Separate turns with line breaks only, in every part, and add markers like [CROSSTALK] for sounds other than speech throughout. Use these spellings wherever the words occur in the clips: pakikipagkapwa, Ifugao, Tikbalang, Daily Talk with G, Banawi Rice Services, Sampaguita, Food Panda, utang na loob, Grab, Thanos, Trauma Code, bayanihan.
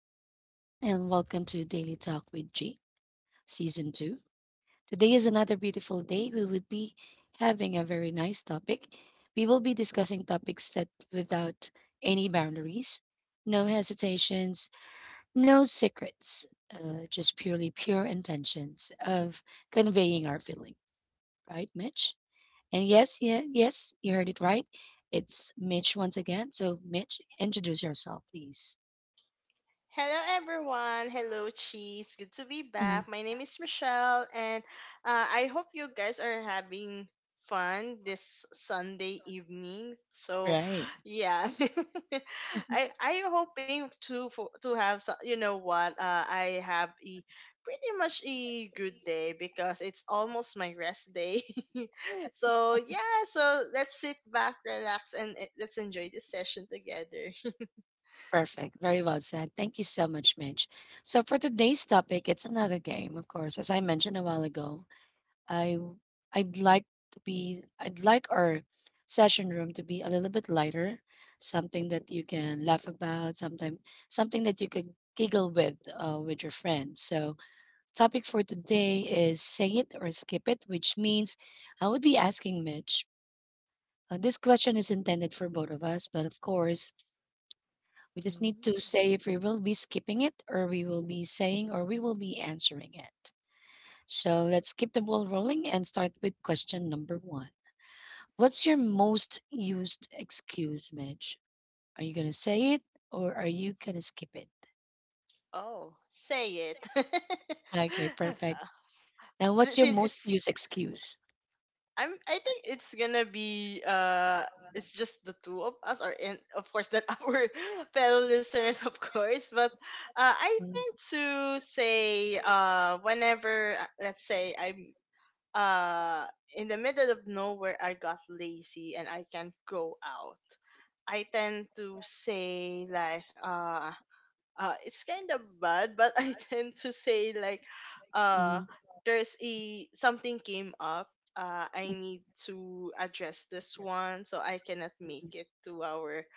morning, everyone, and welcome to Daily Talk with G, Season 2. Today is another beautiful day. We will be having a very nice topic. We will be discussing topics that without any boundaries, no hesitations, no secrets, just purely pure intentions of conveying our feeling, right, Mitch? And yes, you heard it right. It's Mitch once again. So, Mitch, introduce yourself, please.
Hello, everyone. Hello, Cheese. Good to be
Mm,
back. My name is Michelle, and I hope you guys are having fun this Sunday evening. So,
right.
yeah, [LAUGHS] I hoping to for to have some, you know what I have a pretty much a good day because it's almost my rest day. [LAUGHS] So yeah, so let's sit back, relax, and let's enjoy this
[LAUGHS]
session together. [LAUGHS]
Perfect. Very well said. Thank you so much, Mitch. So for today's topic, it's another game, of course. As I mentioned a while ago, I w- I'd like to be I'd like our session room to be a little bit lighter, something that you can laugh about, sometime something that you could giggle with your friends. So topic for today is say it or skip it, which means I would be asking Mitch. This question is intended for both of us, but of course, we just need
Mm.
to say if we will be skipping it or we will be saying or we will be answering it. So let's keep the ball rolling and start with question number one. What's your most used excuse, Midge? Are you going to say it or are you going to skip it?
Oh, say it. [LAUGHS]
Okay, perfect. Now, what's your
Since
most
it's
used excuse?
I'm I think it's gonna be it's just the two of us or and of course that [LAUGHS] our fellow listeners of course, but I think
[LAUGHS]
to say whenever let's say I'm uh in the middle of nowhere, I got lazy and I can't go out. I tend to say like it's kind of bad, but I [LAUGHS] tend to say like, uh,
Mm,
there's a something came up. I need to address this one, so I cannot make it to our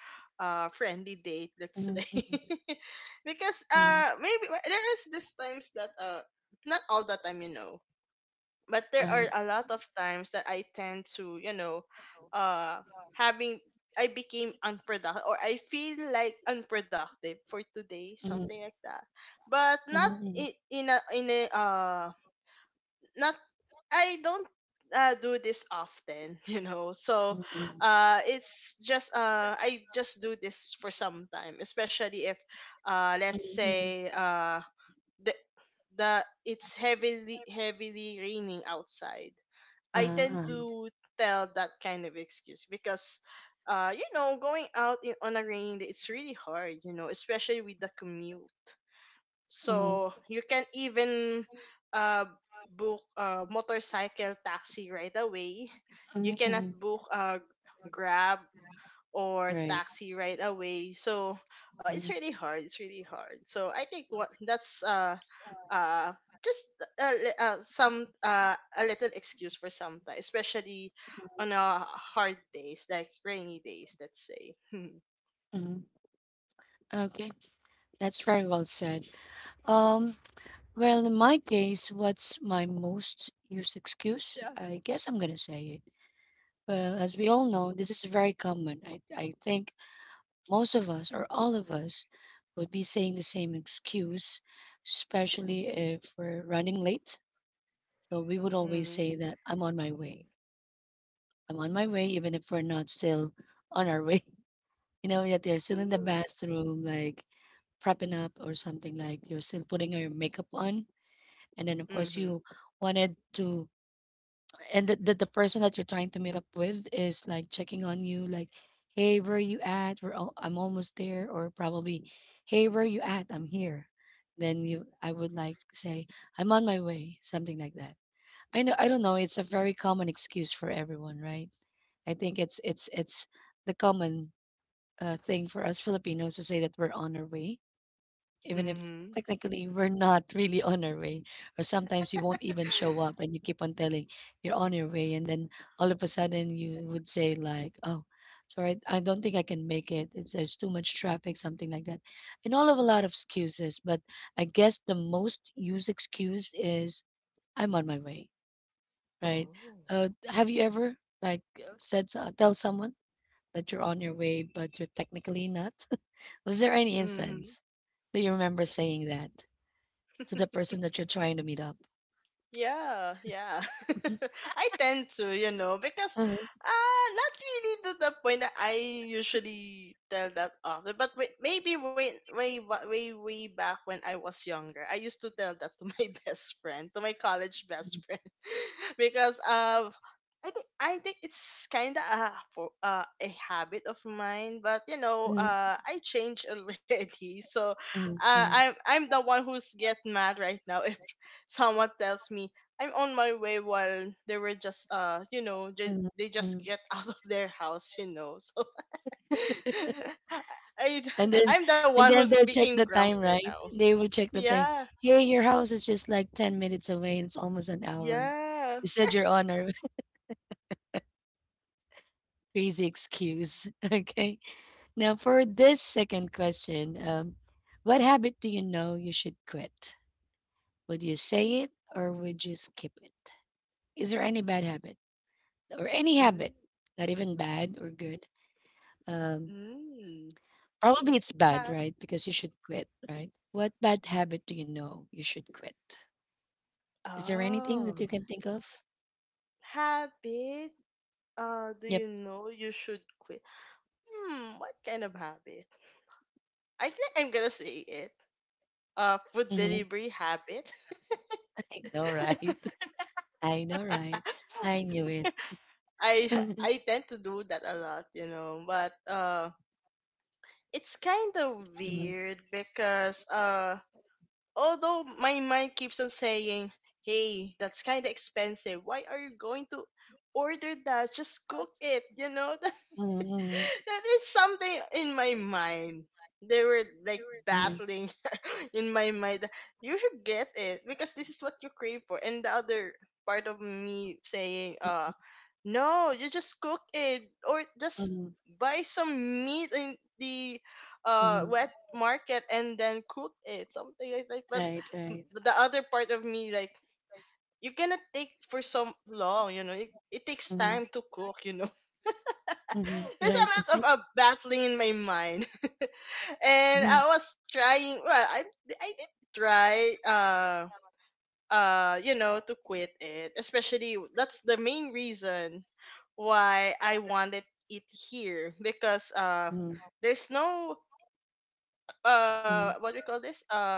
friendly date.
mm,
Let's
mm,
say.
mm,
[LAUGHS] Because
mm,
maybe, well, there is this times that not all the time, you know, but there are a lot of times that I tend to, you know, uh, having I became unproductive or I feel like unproductive for today, something like that. But
mm,
not
mm,
in a in a not I don't do this often, [LAUGHS] you know. So,
mm,
it's just I just do this for some time, especially if
mm,
let's
mm,
say uh the the it's heavily raining outside. I tend
uh,
to tell that kind of excuse because, you know, going out in, on a rainy day, it's really hard, you know, especially with the commute.
mm,
So you can even uh, book a motorcycle taxi right away. You
mm,
cannot
mm,
book a Grab or
Right.
taxi right away. So it's really hard. It's really hard. So I think what that's uh just some a little excuse for some time, especially on hard days like rainy days. Let's say. [LAUGHS]
Mm. Okay, that's very well said. Um, Well, in my case, what's my most used excuse? I guess I'm gonna say it. Well, as we all know, this is very common. I think most of us or all of us would be saying the same excuse, especially if we're running late. So we would always
Mm-hmm.
say that I'm on my way. I'm on my way, even if we're not still on our way. [LAUGHS] You know, yet they're still in the
Ooh.
bathroom, like prepping up or something, like you're still putting your makeup on. And then, of course,
Mm-hmm.
you wanted to and the person that you're trying to meet up with is like checking on you like hey, where are you at? I'm almost there. Or probably hey, where are you at? I'm here. Then you I would like say I'm on my way, something like that. I don't know, it's a very common excuse for everyone, right? I think it's the common thing for us Filipinos to say that we're on our way, even if
Mm-hmm.
technically we're not really on our way. Or sometimes you won't even show up and you keep on telling you're on your way, and then all of a sudden you would say like oh, sorry, I don't think I can make it. There's too much traffic, something like that, and all of a lot of excuses. But I guess the most used excuse is I'm on my way, right?
Oh.
Have you ever tell someone that you're on your way but you're technically not? [LAUGHS] Was there any
Mm-hmm.
instance that you remember saying that to the
[LAUGHS]
person that you're trying to meet up?
Yeah, yeah.
Mhm,
[LAUGHS] I tend to, you know, because
mhm,
not really to the point that I usually tell that often, but maybe way way back when I was younger, I used to tell that to my [LAUGHS] best friend, to my college best friend, [LAUGHS] because I think it's kind of a for a habit of mine, but you know, I changed already. [LAUGHS] So
mhm.
I'm the one who's get mad right now [LAUGHS] someone tells me I'm on my way while they were just you know they just get [LAUGHS] out of their house, you know. So [LAUGHS] I
And then
I'm the one
and
who's
then they'll check
speaking
the
grump
time,
right
right?
now.
They will check the time.
Yeah,
Here, your house is just like 10 minutes away and it's almost an hour.
yeah.
You said you're on a [LAUGHS]
[LAUGHS]
crazy
Actually,
excuse.
so
[LAUGHS]
it's
Okay.
really
Now, for
I'm
this second
really kind of
question,
that kind of
what
person.
habit
[LAUGHS]
do you know you should quit? Would you say it or would you skip it? Is there any bad habit or any
Mm,
habit, not even bad or good, um,
mm.
probably it's bad,
Ha-
right? Because you should quit, right? What bad habit do you know you should quit? Is there anything that you
oh,
can think of?
habit
Yep.
do you know you should quit. Hmm, what kind of habit? I think I'm gonna say it. Food
Hmm.
delivery habit.
[LAUGHS] I know, right? [LAUGHS] I know, right?
[LAUGHS] I I
[LAUGHS]
tend to do that a lot, you know, but it's kind of weird because although my mind keeps on saying, hey, that's kind of expensive. Why are you going to order that? Just cook it, you know? [LAUGHS]
Mhm,
That is something in my mind. They were like battling [LAUGHS] in my mind. You should get it because this is what you crave for. And the other part of me saying, no, you just cook it or just
mhm,
buy some meat in the
mhm,
wet
mhm,
market and then cook it, something like that. But the other part of me like, you're gonna take for so long, you know, it takes time to cook, you know. [LAUGHS]
mhm.
There's a
Right.
lot of
right.
battling in my mind. [LAUGHS] And
Mhm,
I was trying, well, I did try you know to quit it, especially that's the main reason why I wanted it here, because there's no what do you call this, uh,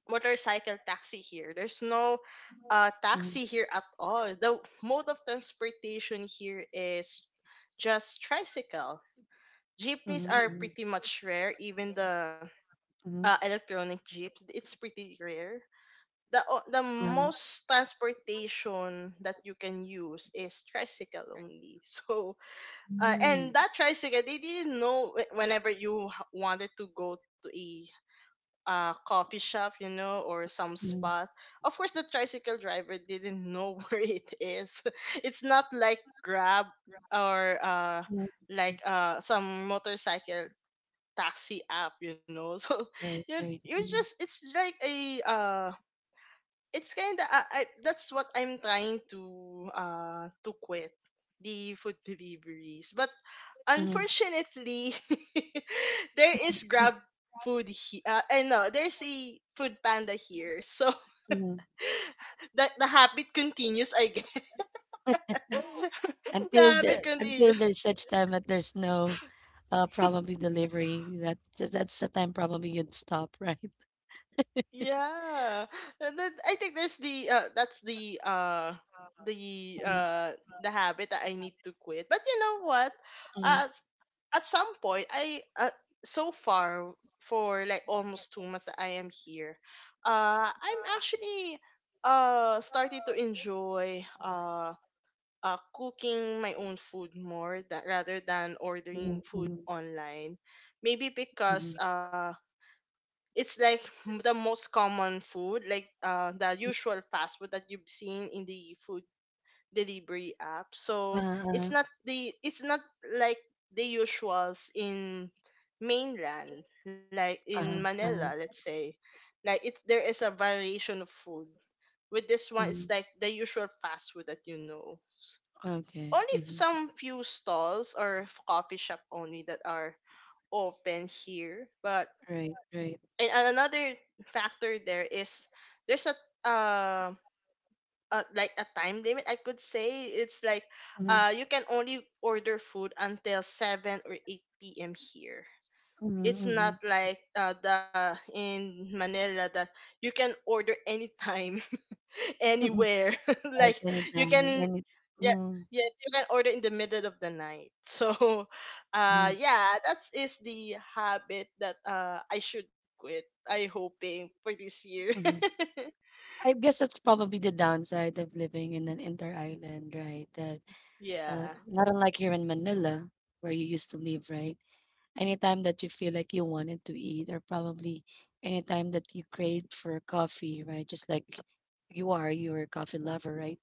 motorcycle taxi here. There's no
mhm.
taxi here at all. The mode of transportation here is just tricycle. Jeepneys are pretty much rare. Even the electronic jeeps, it's pretty rare. The the most transportation that you can use is tricycle only. [LAUGHS] So
Mm,
and that tricycle, they didn't know whenever you wanted to go to a coffee shop, you know, or some spot. Of course, the tricycle driver didn't know [LAUGHS] where it is. [LAUGHS] It's not like Grab or
mm.
like some motorcycle taxi app, you know. [LAUGHS] So
Right,
you
right.
you
Mm,
just it's like a it's kind of I that's what I'm trying to quit the food [LAUGHS] deliveries, but
mhm,
unfortunately [LAUGHS] there is Grab food here. Uh, I know there's a Food Panda here. So
mhm.
[LAUGHS] the habit continues, I guess. [LAUGHS] The
Until
habit continues.
there's time that there's no probably delivery. That's the time probably you'd stop, [LAUGHS] right?
Yeah. And then I think that's the the
Mm-hmm.
uh the habit that I need to quit. But you know what? Uh s- at some point I so far for like almost 2 months that I am here, I'm actually starting to enjoy cooking my own food more that, rather than ordering
mhm,
food
mhm.
online. Maybe because it's like the most common food, like the usual fast food that you've seen in the food delivery app. So it's
Uh-uh.
not the it's not like the usuals in mainland, like in Manila, let's say. Like it, there is a variation of food. With this one, it's like the usual fast food that you know.
Okay.
Only
Mhm.
some few stalls or coffee shop only that are open here. But and another factor there is there's a uh, like a time limit, I could say. It's like
Mhm.
you can only order food until 7 or 8 p.m here. It's not
Mhm,
like the in Manila that you can order [LAUGHS] anytime [LAUGHS]
mhm.
anywhere. [LAUGHS]
Yes,
Like
[LAUGHS]
you
anytime,
can
any
yeah,
mhm,
yes, you can order in the middle of the night. So [LAUGHS]
mhm.
yeah, that is the habit that I should quit. I hoping for this year. [LAUGHS]
I guess that's probably the downside of living in an inter-island, right? That
Yeah.
not unlike here in Manila, where you used to live, right? Anytime that you feel like you wanted to eat, or probably anytime that you craved for coffee, right? Just like you're a coffee lover, right?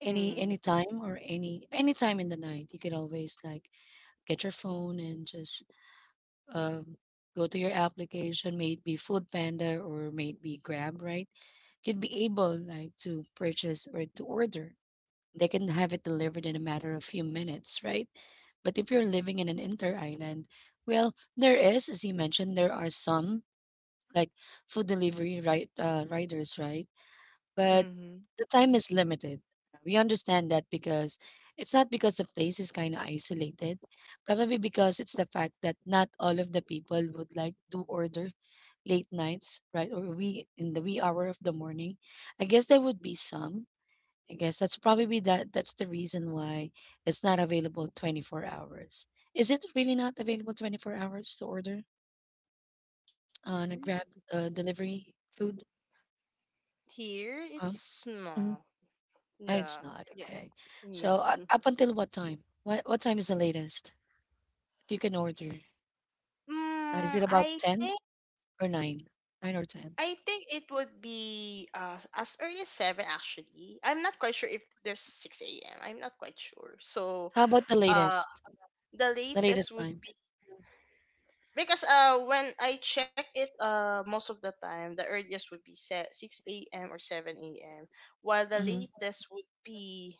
Any any
Mm.
time or any any time in the night, you can always like get your phone and just um go to your application, maybe Food Panda or maybe Grab, right? You'd be able like to purchase or to order, they can have it delivered in a matter of few minutes, right? But if you're living in an inter island, well, there is, as you mentioned, there are some like food delivery right riders, right? But
Mhm.
the time is limited. We understand that because it's not because the place is kind of isolated, probably because it's the fact that not all of the people would like do order late nights, right? Or we in the wee hour of the morning. I guess there would be some, I guess that's probably that's the reason why it's not available 24 hours. Is it really not available 24 hours to order on a
Mm.
grab delivery food?
Here
Uh,
it's no.
Mhm. Ah, it's
Yeah.
not.
Yeah.
Okay.
Mm.
So up
[LAUGHS]
until what time? What time is the latest that you can order? Is it
Mm,
about
I
10
think
or 9? 9 or 10?
it would be as early as seven actually. I'm not quite sure if there's six a.m. I'm not quite sure. So
How about the
uh
latest?
the
The
latest
latest
would
time?
be because when I check it most of the time the earliest would be set six a.m. or seven a.m. while the
Hmm.
latest would be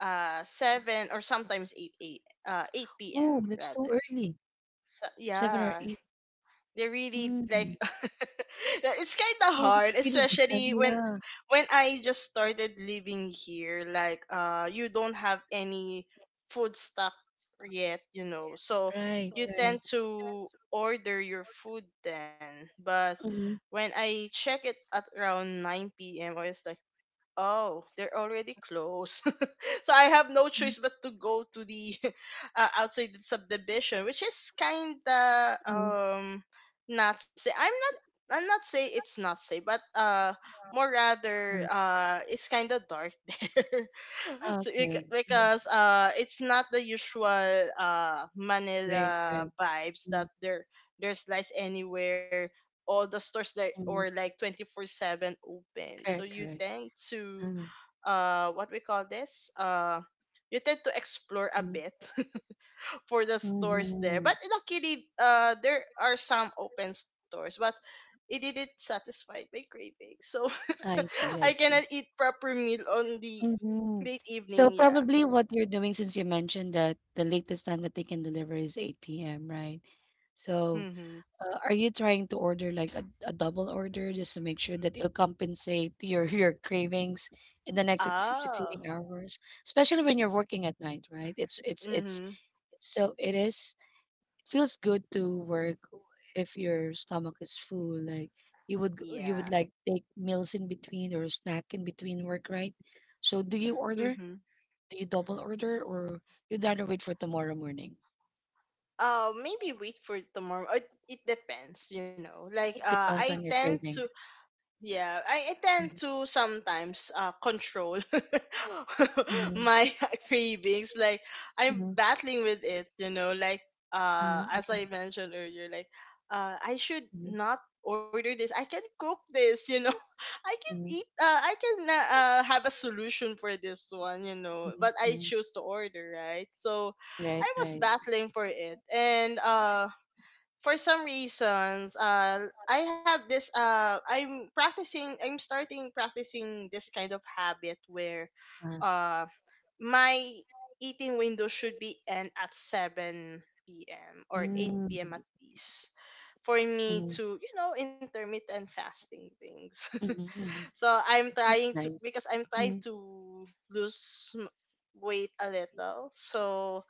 seven or sometimes eight
Oh,
p.m.
that's too
rather.
early.
So
7 or
yeah,
8.
they're really like
Mm.
[LAUGHS] yeah, it's kind of
Oh,
hard,
that's pretty bad.
especially
Yeah.
when I just started living here, like you don't have any food stock yet, you know. So you
Right.
tend to order your food then. But when I check it at around 9 p.m or it's like oh, they're already closed. [LAUGHS] So I have no choice but to go to the [LAUGHS] outside the subdivision, which is kind of
Mhm.
not say I'm not say it's not safe, but more rather
Mm,
it's kind of dark [LAUGHS] there. So
okay.
because it's not the usual
Right.
Manila vibes
Mm,
that there there's lights anywhere, all the stores like or
mm,
like 24/7 open. So
correct,
you
correct.
tend to
Mm,
what we call this, uh, you tend to explore a
mm,
bit [LAUGHS] for the stores there.
mhm.
But luckily there are some open stores, but it didn't satisfy my craving. So
I
[LAUGHS]
see,
I
I
cannot
see.
eat proper meal on the
Hmm.
late
So
evening. Yeah.
probably what you're doing since you mentioned that the latest time that they can deliver is 8 p.m., right? So
Mm-hmm.
are you trying to order like a double order just to make sure that it'll compensate your [LAUGHS] your cravings in the next
Ah.
succeeding hours, especially when you're working at night, right? It's
Mm-hmm.
so it is feels good to work if your stomach is full. Like you
Yeah.
would like take meals in between or snack in between work, right? So do you order?
Mm-hmm.
Do you double order or you'd rather wait for tomorrow morning?
Uh, maybe wait for tomorrow. It depends, you know. Like I tend to
Thanks.
yeah, I tend to sometimes control [LAUGHS]
Mhm,
my [LAUGHS] cravings. Like I'm
mhm,
battling with it, you know. Like as
mhm,
I mentioned earlier, like I should
mhm,
not order this, I can cook this, you know. I can eat.
mhm,
I can have a solution for this one, you know.
mhm,
But I
mhm.
chose to order, right? So
Right.
I was battling for it, and for some reasons, I have this. I'm practicing. I'm starting practicing this kind of habit where,
Uh,
uh, my eating window should be end at seven p.m. or eight
Mm,
p.m. at least for me
mhm,
to you know intermittent fasting things. [LAUGHS]
mhm. mhm.
So I'm
That's
trying to
nice.
because I'm trying
Mhm.
to lose weight a little. So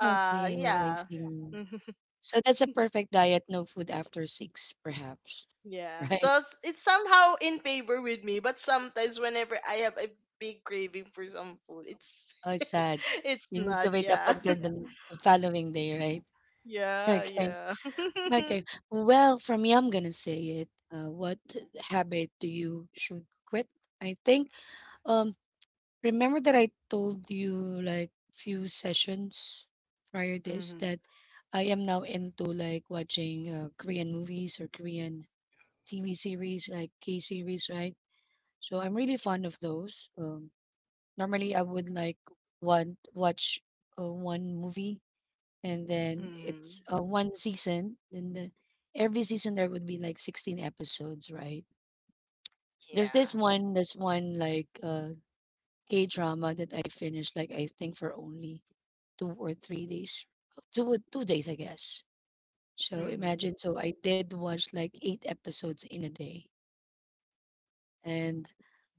Okay, I
yeah.
see.
[LAUGHS]
So that's a perfect diet, no food after six, perhaps, [LAUGHS]
Yeah. So
right?
it's somehow in favor with me, but sometimes whenever I have a big craving for some food, it's
Oh, it's
[LAUGHS]
sad. You
it's
need to wait
not,
up
yeah.
until the following day, right?
[LAUGHS]
[LAUGHS]
Yeah,
Okay.
yeah.
Okay.
[LAUGHS]
Well, for me, I'm gonna say it. What habit do you should quit? I think. Um, remember that I told you like few sessions prior this that
Mhm.
I am now into like watching Korean movies or Korean TV series like K series, right? So I'm really fond of those. Normally I would like want watch one movie, and then it's
Mhm.
one season. Then the, every season there would be like 16 episodes, right?
Yeah.
There's one like K drama that I finished like I think for only 2 or 3 days, 2 days, I guess. So imagine,
Mhm.
so I did watch like 8 episodes in a day, and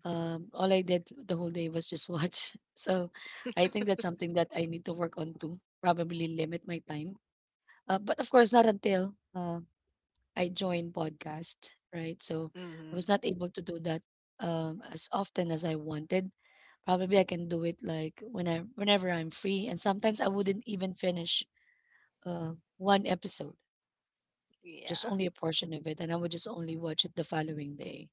all I did the whole day was just watch. [LAUGHS] So I think that's something that I need to work on too, probably limit my time. But of course not until I joined podcast, right? So I was not
Mhm.
able to do that as often as I wanted. Probably I can do it like whenever I'm free, and sometimes I wouldn't even finish uh one episode, just only a
Yeah.
portion of it, and I would just only watch it the following day.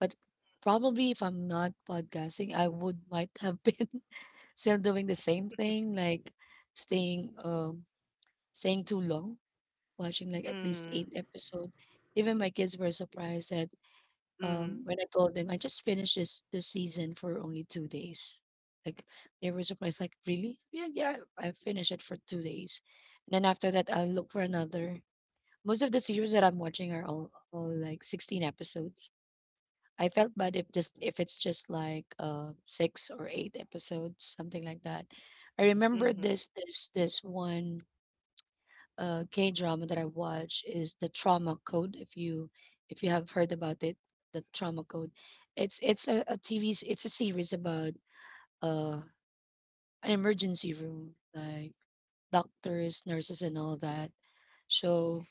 But probably if I'm not podcasting, I would might have been [LAUGHS] still doing the same thing, like staying um staying too long, watching like at least eight
Mhm.
episode. Even my kids were surprised that
Mhm.
when I told them I just finished this season for only 2 days. Like they were surprised, like, really? Yeah, yeah, I finished it for 2 days. And then after that I'll look for another. Most of the series that I'm watching are all like 16 episodes. I felt bad if just if it's just like 6 or 8 episodes, something like that. I remember
Mhm.
this one K drama that I watch is the Trauma Code. If you, if you have heard about it, the Trauma Code, it's a TV. It's a series about uh an emergency room, like doctors, nurses, and all that. So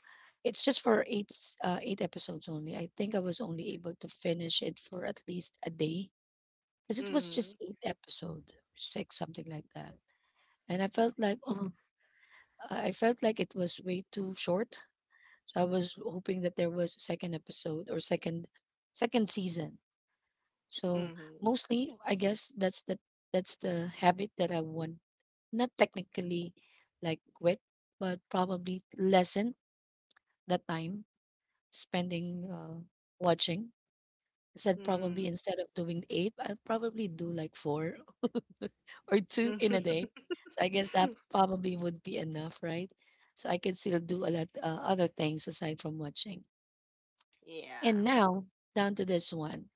it's just for 8 episodes only. I think I was only able to finish it for at least a day because it was just
Mhm.
eight episodes, six something like that. And I felt like oh, I felt like it was way too short. So I was hoping that there was a second episode or second season. So
Mhm.
mostly I guess that's the habit that I want. Not technically like quit, but probably lessen the time spending watching. I said probably
Mhm.
instead of doing eight, I'll probably do like four [LAUGHS] or two in a day. So
[LAUGHS]
I guess that probably would be enough, right? So I can still do a lot other things aside from watching. And
Yeah.
now, down to this one.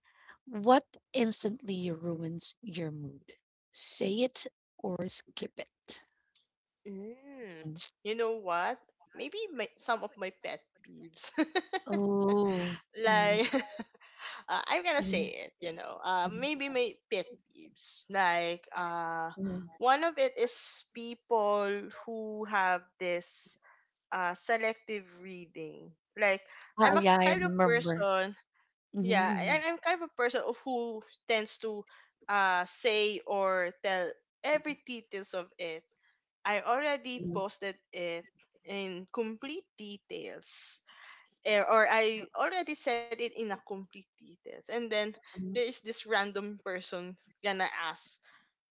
What instantly ruins your mood? Say it or skip it. Mm.
Mm. You know what? Maybe some of my pet peeves.
Oh.
[LAUGHS]
Mhm,
Like, [LAUGHS] I'm gonna say
mhm,
it.
mhm,
Maybe my pet peeves. Like,
mhm.
one of it is people who have this selective reading. Like,
Ah,
I'm a
yeah,
kind
I
of
remember.
person yeah,
Mm-hmm.
I'm kind of a person of who tends to say or tell every details of it. I already
Mhm,
posted it in complete details, or I already said it in a complete details, and then there is this random person gonna ask,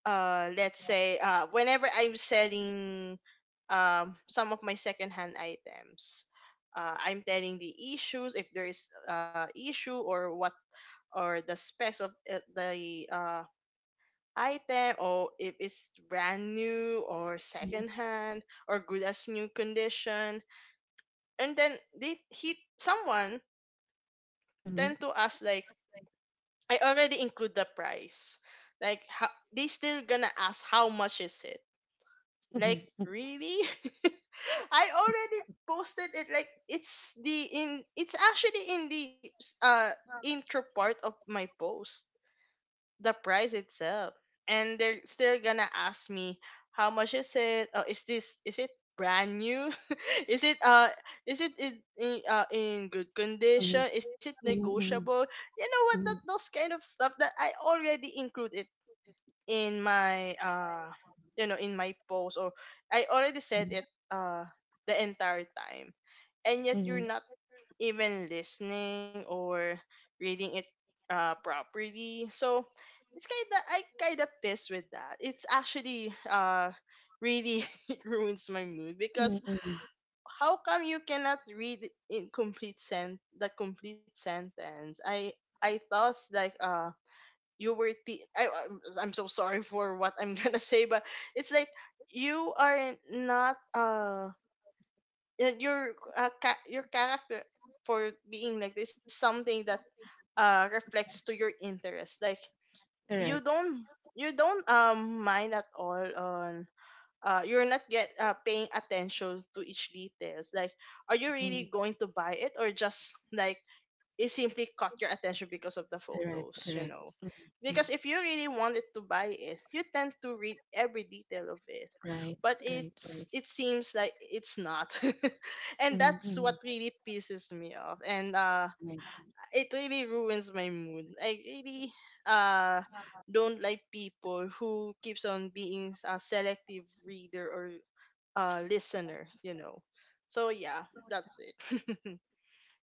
let's say whenever I'm selling some of my secondhand items. I'm telling the issues if there is issue or what, or the specs of the item, or if it's brand new or secondhand or good as new condition. And then they he someone
mhm,
tend
Mm-hmm.
to ask like, I already include the price. Like, they still gonna ask how much is it. Like, really? [LAUGHS] I already posted it. Like, it's actually in the uh intro part of my post, the price itself, and they're still gonna ask me, how much is it? Is this is it brand new? [LAUGHS] is it uh is it in in good
Mm-hmm.
condition? Is it negotiable?
Mhm,
You know what? That
mhm,
those kind of stuff that I already included in my in my post, or I already said it uh the entire time, and yet
Mm-hmm.
you're not even listening or reading it properly. So it's kind of I kind of pissed with that. It's actually really, [LAUGHS] it ruins my mood because how come you cannot read in complete sen the complete sentence? I thought like, you I'm so sorry for what I'm gonna [LAUGHS] say, but it's like you are not your character, for being like this, something that reflects to your interest. Like, you don't mind at all on you're not get paying attention to each details. Like, are you really going to buy it, or just like it simply caught your attention because of the photos? You know, because if you really wanted to buy it, you tend to read every detail of it. But it seems like it's not, [LAUGHS] and
Mm-hmm.
that's what
Mhm.
really pisses me off. And it really ruins my mood. I really uh don't like people who keeps on being a selective reader or listener. So yeah, that's it.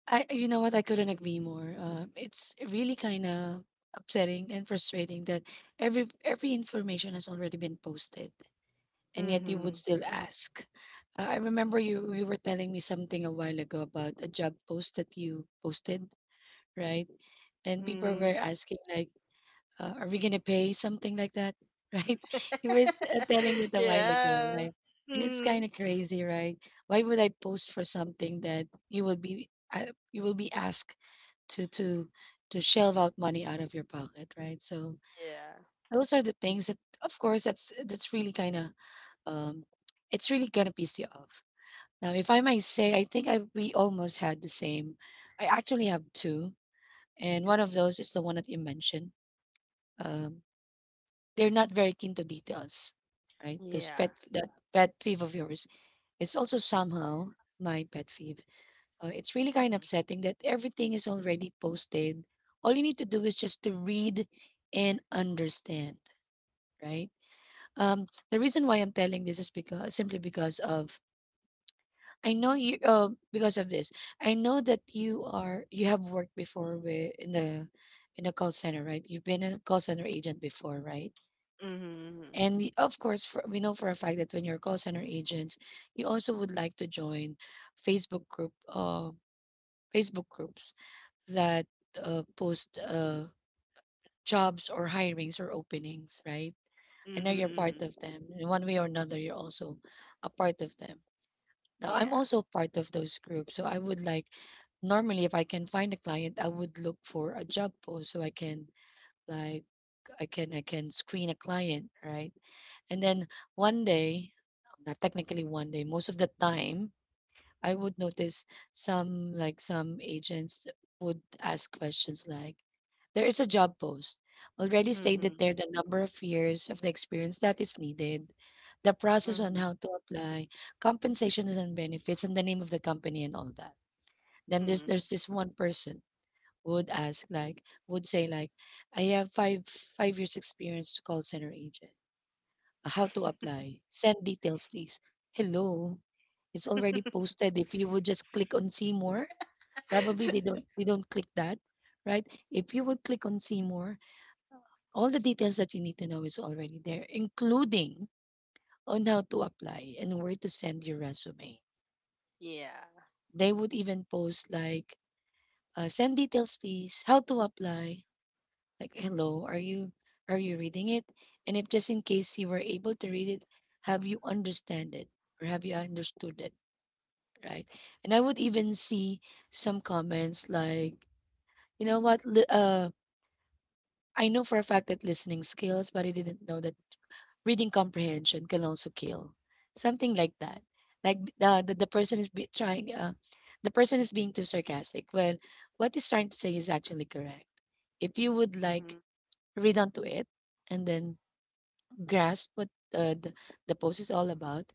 I You know what? I couldn't agree more. It's really kind of upsetting and frustrating that every information has already been posted,
[LAUGHS]
and yet you would
Mhm.
still ask. I remember you were telling me something a while ago about a job post that you posted, right? And people were
Mhm.
asking like, "Are we gonna pay something like that?" [LAUGHS] Right? Telling
[LAUGHS]
that a while ago,
Yeah.
right? And it's kind
Mhm.
of crazy, right? Why would I post for something that you will be asked to to to shelve out money out of your pocket, right? So
Yeah.
those are the things that, of course, that's really kind of um, it's really gonna piss you off. Now, if I might say, I think I we almost had the same. I actually have two, and one of those is the one that you mentioned. Um, they're not very keen to details, right? Those
Yeah.
pet that pet peeve of yours is also somehow my pet peeve. Oh, it's really kind of upsetting that everything is already posted. All you need to do is just to read and understand, right? The reason why I'm telling this is because of, I know you because of this. I know that you are you have worked before with in the in a call center, right? You've been a call center agent before, right?
Mhm.
And of course, for, we know for a fact that when you're call center agents, you also would like to join Facebook group, uh, Facebook groups that post jobs or hirings or openings, right? I
Mhm.
know
Mhm.
you're part
Mhm.
of them. In one way or another, you're also a part of them. Now, I'm
Yeah.
also part of those groups. So I would like, normally, if I can find a client, I would look for a job post so I can, like, I can screen a client, right? And then one day, not technically one day, most of the time, I would notice some agents would ask questions like, "There is a job post already stated
Mhm.
there the number of years of the experience that is needed, the process on how
Mhm.
to apply, compensations and benefits, and the name of the company and all that." Then there's
Mhm.
there's this one person who would ask like would say like, "I have five years experience as a call center agent. How to apply? Send details, please." Hello. It's already posted. If you would just click on see more, probably they don't
[LAUGHS]
they don't click that, right? If you would click on see more, all the details that you need to know is already there, including on how to apply and where to send your resume.
Yeah.
They would even post like send details please, how to apply. Like hello, are you reading it? And if just in case you were able to read it, have you understand it have you understood it? Right? And I would even see some comments like, you know what, I know for a fact that listening skills, but I didn't know that reading comprehension can also kill. Something like that. Like the person is being too sarcastic. Well, what he's trying to say is actually correct. If you would like
Mhm.
read onto it and then grasp what uh, the, the post is all about,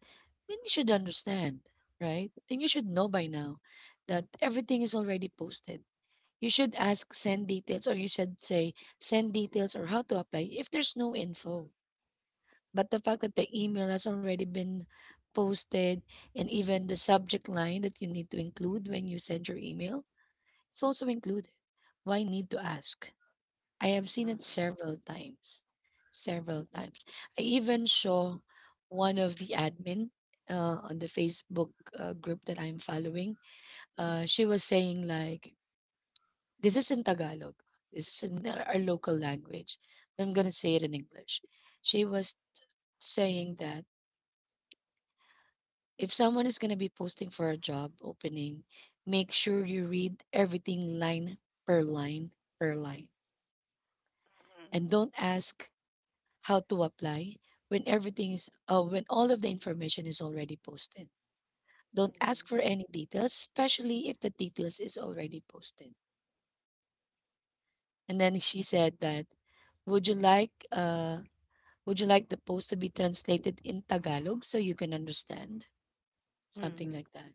then you should understand, right? And you should know by now that everything is already posted. You should say send details or how to apply if there's no info. But the fact that the email has already been posted, and even the subject line that you need to include when you send your email, it's also included. Why need to ask? I have seen it
Mhm.
several times. Several times. I even saw one of the admin on the Facebook group that I'm following. She was saying, like, this is in Tagalog. This is in our local language. I'm going to say it in English. She was saying that if someone is going to be posting for a job opening, make sure you read everything line per line per line,
Mhm.
and don't ask how to apply when everything is when all of the information is already posted. Don't ask for
Mhm.
any details, especially if the details is already posted. And then she said that would you like uh would you like the post to be translated in Tagalog so you can understand? Something like
Mm-hmm.
that.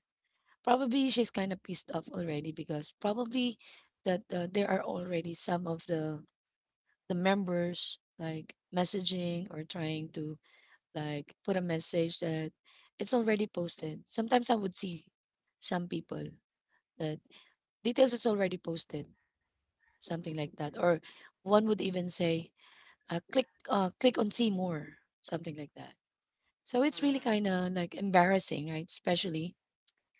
Probably she's kind of pissed off already because probably that there are already some of the members like messaging or trying to like put a message that it's already posted. Sometimes I would see some people that details is already posted, something like that. Or one would even say, click on see more, something like that. So it's really kind
Mm.
of like embarrassing, right? Especially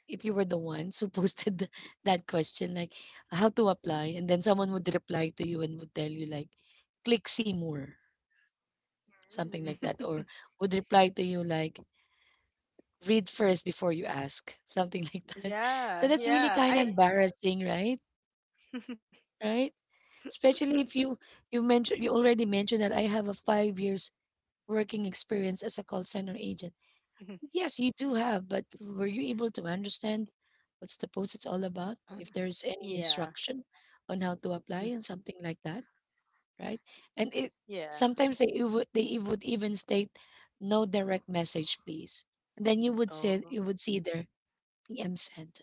if you were the ones who [LAUGHS] posted that question, like how to apply, and then someone would reply to you and would tell you like, click see more, something like
Mm.
that, or
[LAUGHS]
would reply to you like, read first before you ask, something like that. [LAUGHS] So
Yeah,
that's really kind
yeah.
of
I
embarrassing, right?
[LAUGHS]
Right? Especially if you already mentioned that I have a 5 years working experience as a call center agent. Yes, you do have, but were you able to understand what's the post it's all about? If there's any
Yeah.
instruction on how to apply and something like that, right? And it
Yeah.
sometimes they would would even state no direct message, please. And then you
Oh.
would see there PM sent,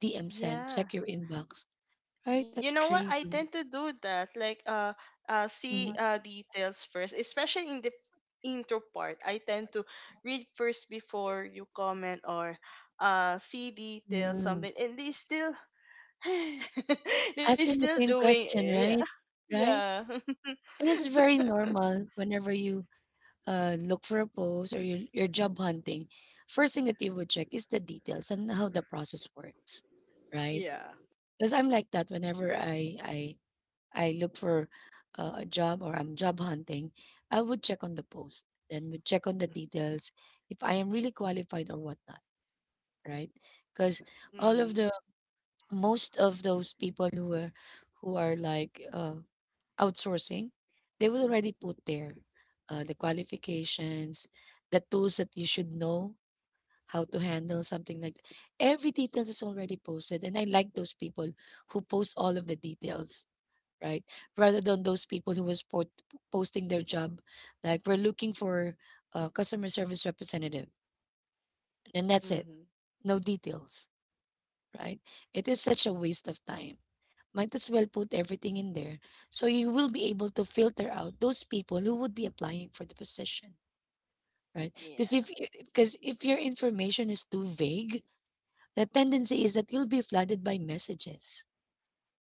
DM send, check
Yeah.
your inbox. Right?
You
That's
know what? I
crazy.
tend to do that. Like, see
Hmm.
details first, especially in the intro part. I tend to read first before you comment or see details, something, and they still [LAUGHS] they
Asking
still
the same,
doing it.
right? Right?
Yeah. Yeah. [LAUGHS]
And it's very normal whenever you look for a post or you're job hunting. First thing that you would check is the details and how the process works, right?
Yeah.
Because I'm like that whenever I look for a job or I'm job hunting, I would check on the post, then would check on the details if I am really qualified or whatnot. Right? Because all of
Mm-hmm.
the, most of those people who are who are like uh, outsourcing, they will already put there the qualifications, the tools that you should know how to handle something like that. Every detail is already posted, and I like those people who post all of the details. Right, rather than those people who was posting their job, like we're looking for a customer service representative, and that's it, no details, right? It is such a waste of time. Might as well put everything in there. So you will be able to filter out those people who would be applying for the position, right? Because
Yeah.
if your information is too vague, the tendency is that you'll be flooded by messages.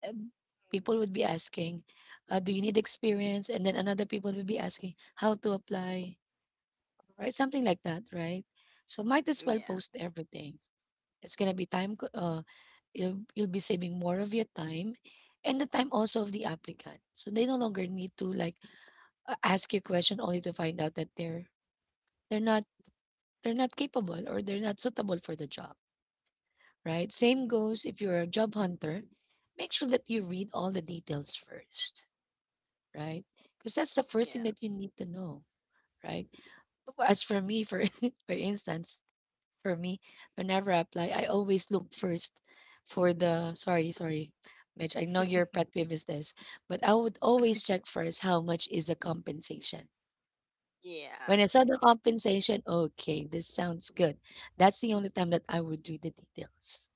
Um,
Mm.
People would be asking, "Do you need experience?" And then another people would be asking, "How to apply?" Right? Something like that, right? So might as well
Yeah.
post everything. It's gonna be time. You'll be saving more of your time, and the time also of the applicant. So they no longer need to like ask you a question only to find out that they're not they're not capable or they're not suitable for the job. Right. Same
Mm.
goes if you're a job hunter. Make sure that you read all the details first. Right. Because that's the first thing
Yeah.
that you need to know. Right. As for me, for [LAUGHS] For instance, for me, whenever I apply, I always look first for the, sorry, sorry, Mitch. I know your pet peeve is this, but I would always check first how much is the compensation.
Yeah.
When I saw the compensation, okay, this sounds good. That's the only time that I would read the details.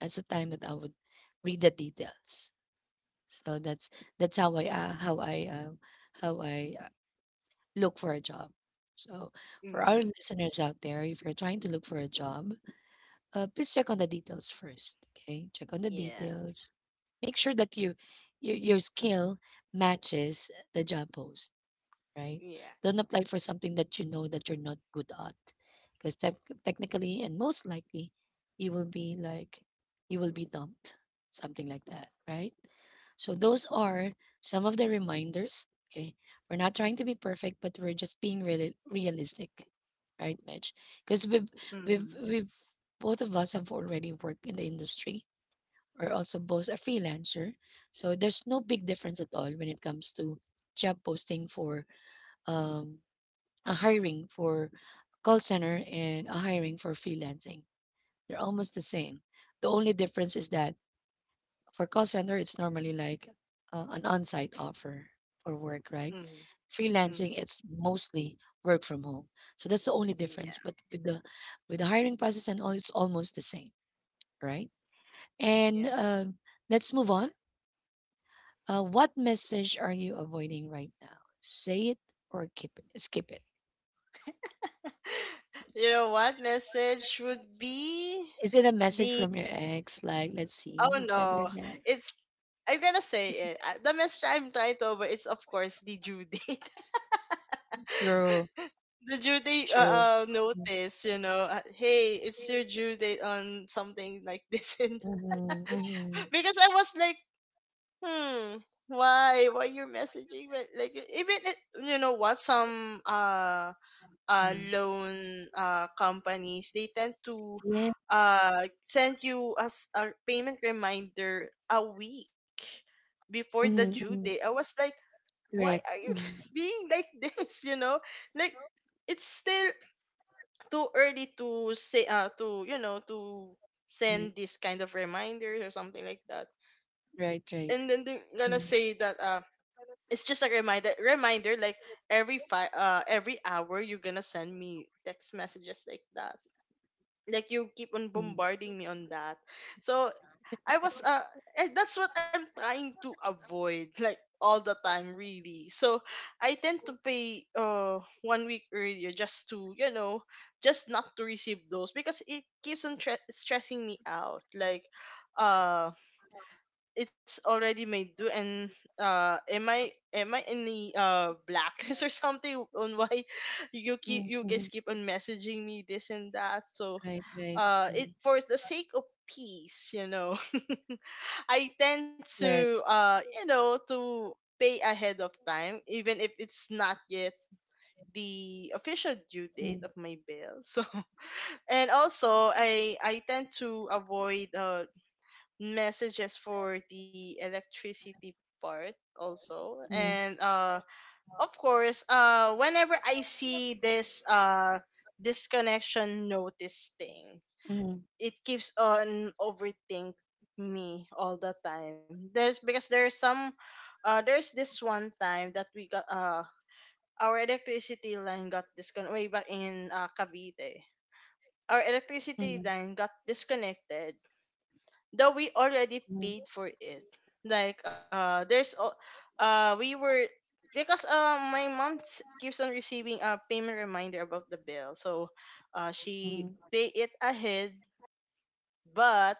That's the time that I would read the details. So that's how I how I uh, look for a job. So for our
Mhm.
listeners out there, if you're trying to look for a job, please check on the details first. Okay, check on the
Yeah.
details. Make sure that your skill matches the job post. Right?
Yeah.
Don't apply for something that you know that you're not good at, because technically and most likely you will be like you will be dumped, something like that. Right? So those are some of the reminders. Okay. We're not trying to be perfect, but we're just being really realistic. Right, Mitch? Because
Mhm.
we've both of us have already worked in the industry. We're also both a freelancer. So there's no big difference at all when it comes to job posting for um a hiring for call center and a hiring for freelancing. They're almost the same. The only difference is that for call center, it's normally like an on-site offer for work, right?
Mhm.
Freelancing,
Mhm.
it's mostly work from home. So that's the only difference.
Yeah.
But with the hiring process and all, it's almost the same, right?
Yeah.
And let's move on. What message are you avoiding right now? Say it or keep it. Skip it.
[LAUGHS] You know what message would be
Is it a message
the
from your ex? Like, let's see
oh,
each other
no,
again.
it's I'm gonna say it. The message I'm trying to over, it's of course the due date. [LAUGHS] The due date
Sure.
notice, you know, hey, it's your due date on something like this and that. [LAUGHS] Because I was like, hmm why you're messaging. But like, even you know what, some loan companies, they tend to
Yes.
send you as a payment reminder a week before the due
Mhm,
date.
mhm.
I was like, why
Correct.
are you
Mhm,
[LAUGHS] being like this? Like, it's still too early to say, to you know to
mhm.
send this kind of reminders or something like that.
Right,
And
right.
then they're
Mhm,
gonna say that it's just a reminder, reminder. Like, every hour, you're gonna send me text messages like that. Like, you keep on
mhm.
bombarding me on that. So I was and that's what I'm trying to avoid, like, all the time really. So I tend to pay one week earlier, just to just not to receive those, because it keeps on stressing me out. Like, uh it's already made do, and uh am i am I in the blacklist [LAUGHS] or something, on why [LAUGHS]
Mhm,
you guys
mhm.
keep on messaging me this and that. So it, for the sake of peace, [LAUGHS] I tend
Right.
to to pay ahead of time, even if it's not yet the official due
Mhm,
date of my bill. So [LAUGHS] and also I tend to avoid messages for the electricity part also.
mhm,
And of course, whenever I see this disconnection notice thing,
mhm,
it keeps on overthink me all the time, there's because there's some there's this one time that we got our electricity line got disconnected way back in Cavite. Our electricity
mhm,
line got disconnected though we already
mhm,
paid for it. Like, there's al- we were because my mom keeps on receiving a payment reminder about the bill. So
mhm.
she pay it ahead, but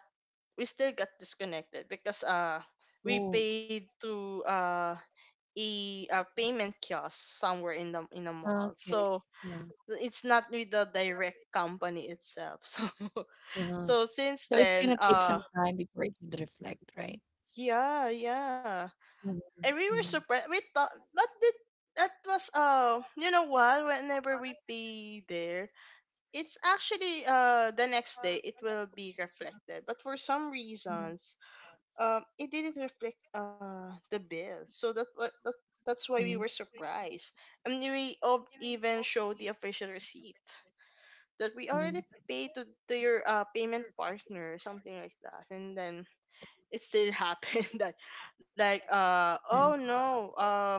we still got disconnected because we
Oh,
paid to a payment kiosk somewhere in the mall.
okay.
So
Yeah.
it's not with the direct company itself. [LAUGHS] So
Uh-huh.
since
So it's
then,
gonna take some time before it would reflect, right?
yeah, yeah,
Mhm,
and we were surprised. We thought that did that was you know what? Whenever we pay there, it's actually the next day it will be reflected. But for some
mhm,
reasons, it didn't reflect the bill. So that what that that's why we were
mhm.
surprised, and we even showed the official receipt that we already
Mhm.
paid to your payment partner, something like that, and then it still [LAUGHS] happened that, like,
Mhm.
oh no, uh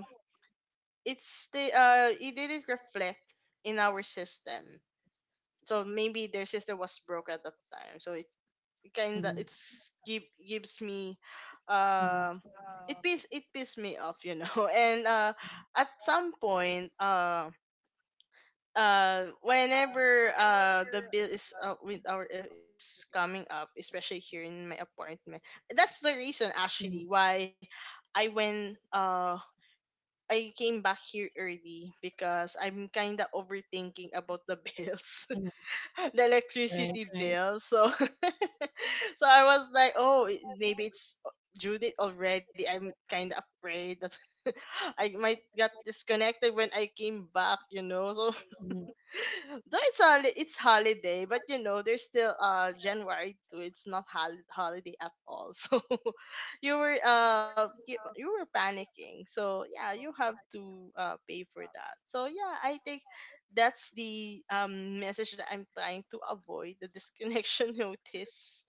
it's the uh it didn't reflect in our system. So maybe their system was broke at that time, so it
Mhm.
gives me
Mhm.
um it pissed me off. [LAUGHS] And at some point, whenever the bill is with our is coming up, especially here in my apartment. That's the reason actually why i went uh I came back here early, because I'm kind of overthinking about the bills, [LAUGHS] the
Right.
electricity bill. So, [LAUGHS] so I was like, oh, maybe it's due date already. I'm kind of afraid that [LAUGHS] I might get disconnected when I came back. So, though it's it's holiday, but there's still January too. It's not holiday at all. [LAUGHS] So you were panicking. So yeah, you have to pay for that. So yeah, I think that's the message that I'm trying to avoid, the disconnection [LAUGHS] notice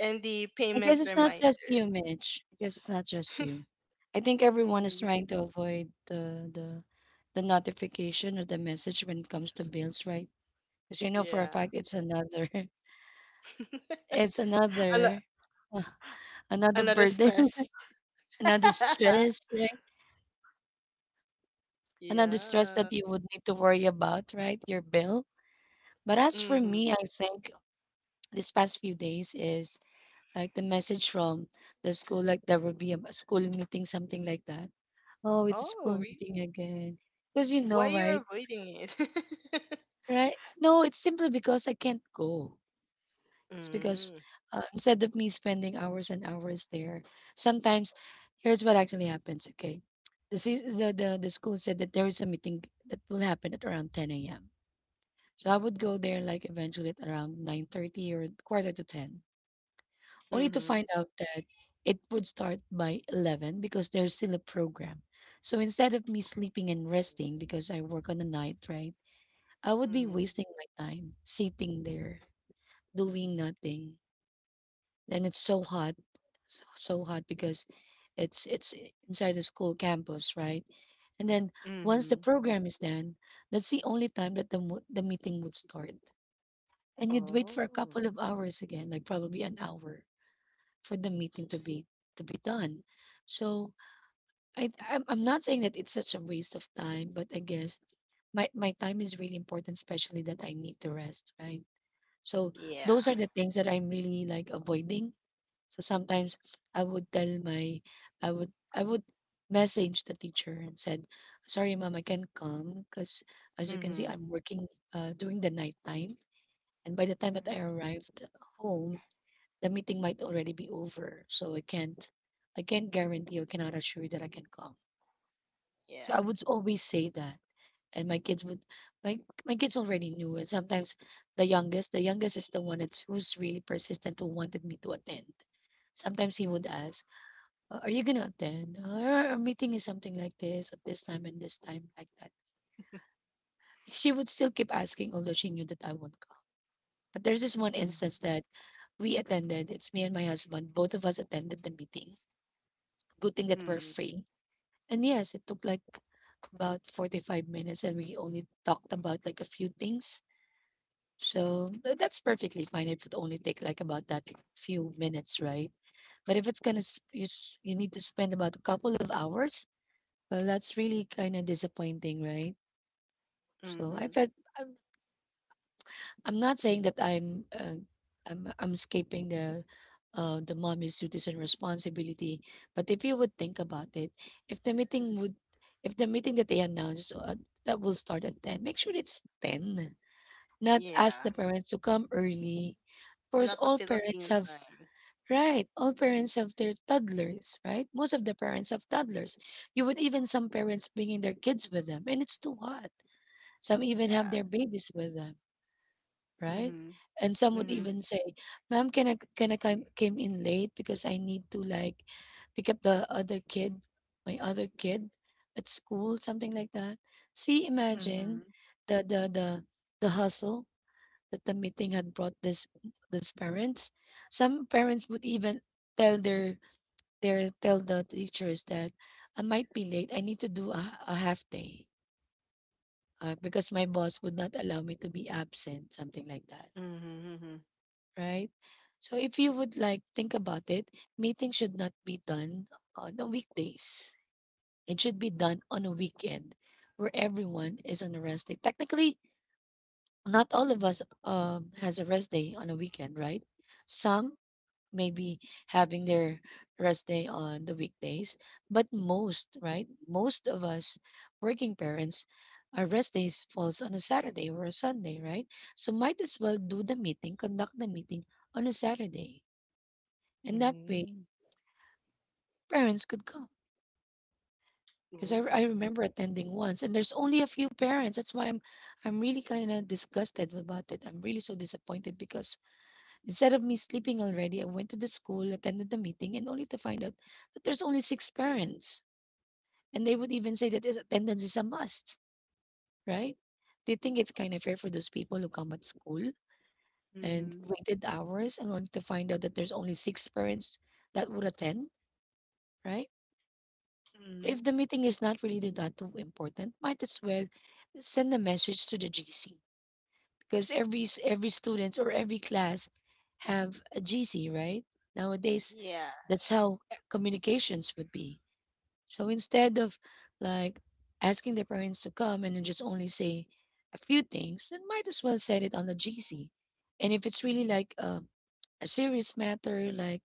and the
I guess
payment
it's not just you,
reminder.
Mitch. I guess it's not just you. I think everyone
Mm,
is trying to avoid the the notification or the message when it comes to bills, right? Because you know for a
yeah.
fact it's another [LAUGHS]
[LAUGHS]
it's
Ano-
another [LAUGHS] another
Another
burden,
stress. [LAUGHS]
[LAUGHS] another stress, another stress
Yeah.
that you would need to worry about, right? Your bill. But as for
Mm-hmm.
me, I think this past few days is like the message from the school, like there will be a school meeting, something like that. Oh, it's a
Oh,
school
really?
meeting again. Because you
Why
know,
you are
right?
avoiding it? [LAUGHS]
Right? No, it's simply because I can't go. It's because
Mm.
instead of me spending hours and hours there, sometimes here's what actually happens. Okay, the school said that there is a meeting that will happen at around 10 a.m. So I would go there like eventually at around 9:30 or quarter to 10, only to
Mm-hmm.
find out that it would start by 11 because there's still a program. So instead of me sleeping and resting because I work on the night, right? I would be
Mm-hmm.
wasting my time sitting there doing nothing. Then it's so hot, so, so hot because inside the school campus, right? And then once the
Mm-hmm.
program is done, that's the only time that the meeting would start. And you'd wait for a
Oh,
couple of hours again, like probably an hour for the meeting to be done. So I'm not saying that it's such a waste of time, but I guess my time is really important, especially that I need to rest, right? So
yeah.
those are the things that I'm really like avoiding. So sometimes I would tell my I would message the teacher and said, "Sorry, mom, I can't come because as you can see,
Mm-hmm.
I'm working during the night time." And by the time that I
Mm-hmm.
arrived home, the meeting might already be over, so I can't guarantee or cannot assure you that I can come. So I
Yeah.
would always say that. And my my kids already knew, and sometimes the youngest is the one that's who's really persistent who wanted me to attend. Sometimes he would ask, Are you gonna attend? Our meeting is something like this at this time and this time, like that." She would still keep asking, although she knew that I won't come. But there's this one instance that we attended. It's me and my husband. Both of us attended the meeting. Good thing that we're
Mm-hmm.
free. And yes, it took like about 45 minutes and we only talked about like a few things. So that's perfectly fine. It would only take like about that few minutes, right? But if it's gonna you need to spend about a couple of hours, well, that's really kind of disappointing, right? So
Mm-hmm.
I I'm not saying that I'm I'm escaping the mommy's duties and responsibility, but if you would think about it, if the meeting would if the meeting that they announced that will start at 10, make sure it's 10. Not ask
Yeah.
the parents to come early. Of course,
Not the
all parents
Philippine
have
time.
right. All parents have their toddlers, right? Most of the parents have toddlers. You would even some parents bringing their kids with them, and it's too hot. Some even have
Yeah.
their babies with them, right?
Mm-hmm.
And some would
Mm-hmm.
even say, "Ma'am, can I come came in late because I need to like pick up my other kid at school, something like that." See,
Mm-hmm.
imagine the the hustle that the meeting had brought this these parents. Some parents would even tell their tell the teachers that I might be late. I need to do a half day because my boss would not allow me to be absent, something like that,
Mm-hmm.
right? So if you would like think about it, meeting should not be done on the weekdays. It should be done on a weekend where everyone is on a rest day. Technically, not all of us has a rest day on a weekend, right? Some may be having their rest day on the weekdays, but most, right? Most of us working parents, our rest days falls on a Saturday or a Sunday, right? So might as well conduct the meeting on a Saturday, and that way,
Mm-hmm.
parents could come. Because I
Ooh.
remember attending once, and there's only a few parents. That's why I'm really kind of disgusted about it. I'm really so disappointed because instead of me sleeping already, I went to the school, attended the meeting, and only to find out that there's only 6 parents. And they would even say that this attendance is a must, right? Do you think it's kind of fair for those people who come at school and
Mm-hmm.
waited hours and only to find out that there's only six parents that would attend, right?
Mm-hmm.
If the meeting is not really that too important, might as well send a message to the GC because every student or every class have a GC, right? Nowadays,
Yeah.
that's how eh, communications would be. So instead of like asking the parents to come and then just only say a few things, then might as well set it on the GC. And if it's really like a serious matter, like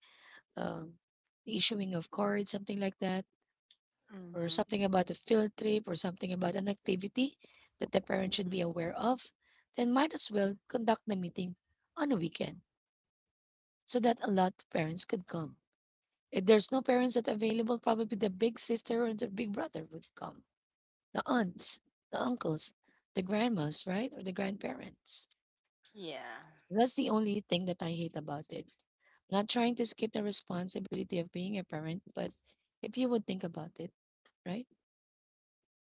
um, the issuing of cards, something like that or
Mm-hmm.
something about a field trip or something about an activity that the parent should
Mm-hmm.
be aware of, then might as well conduct the meeting on a weekend so that a lot of parents could come. If there's no parents that available, probably the big sister or the big brother would come, the aunts, the uncles, the grandmas, right, or the grandparents.
Yeah.
That's the only thing that I hate about it. Not trying to skip the responsibility of being a parent, but if you would think about it, right?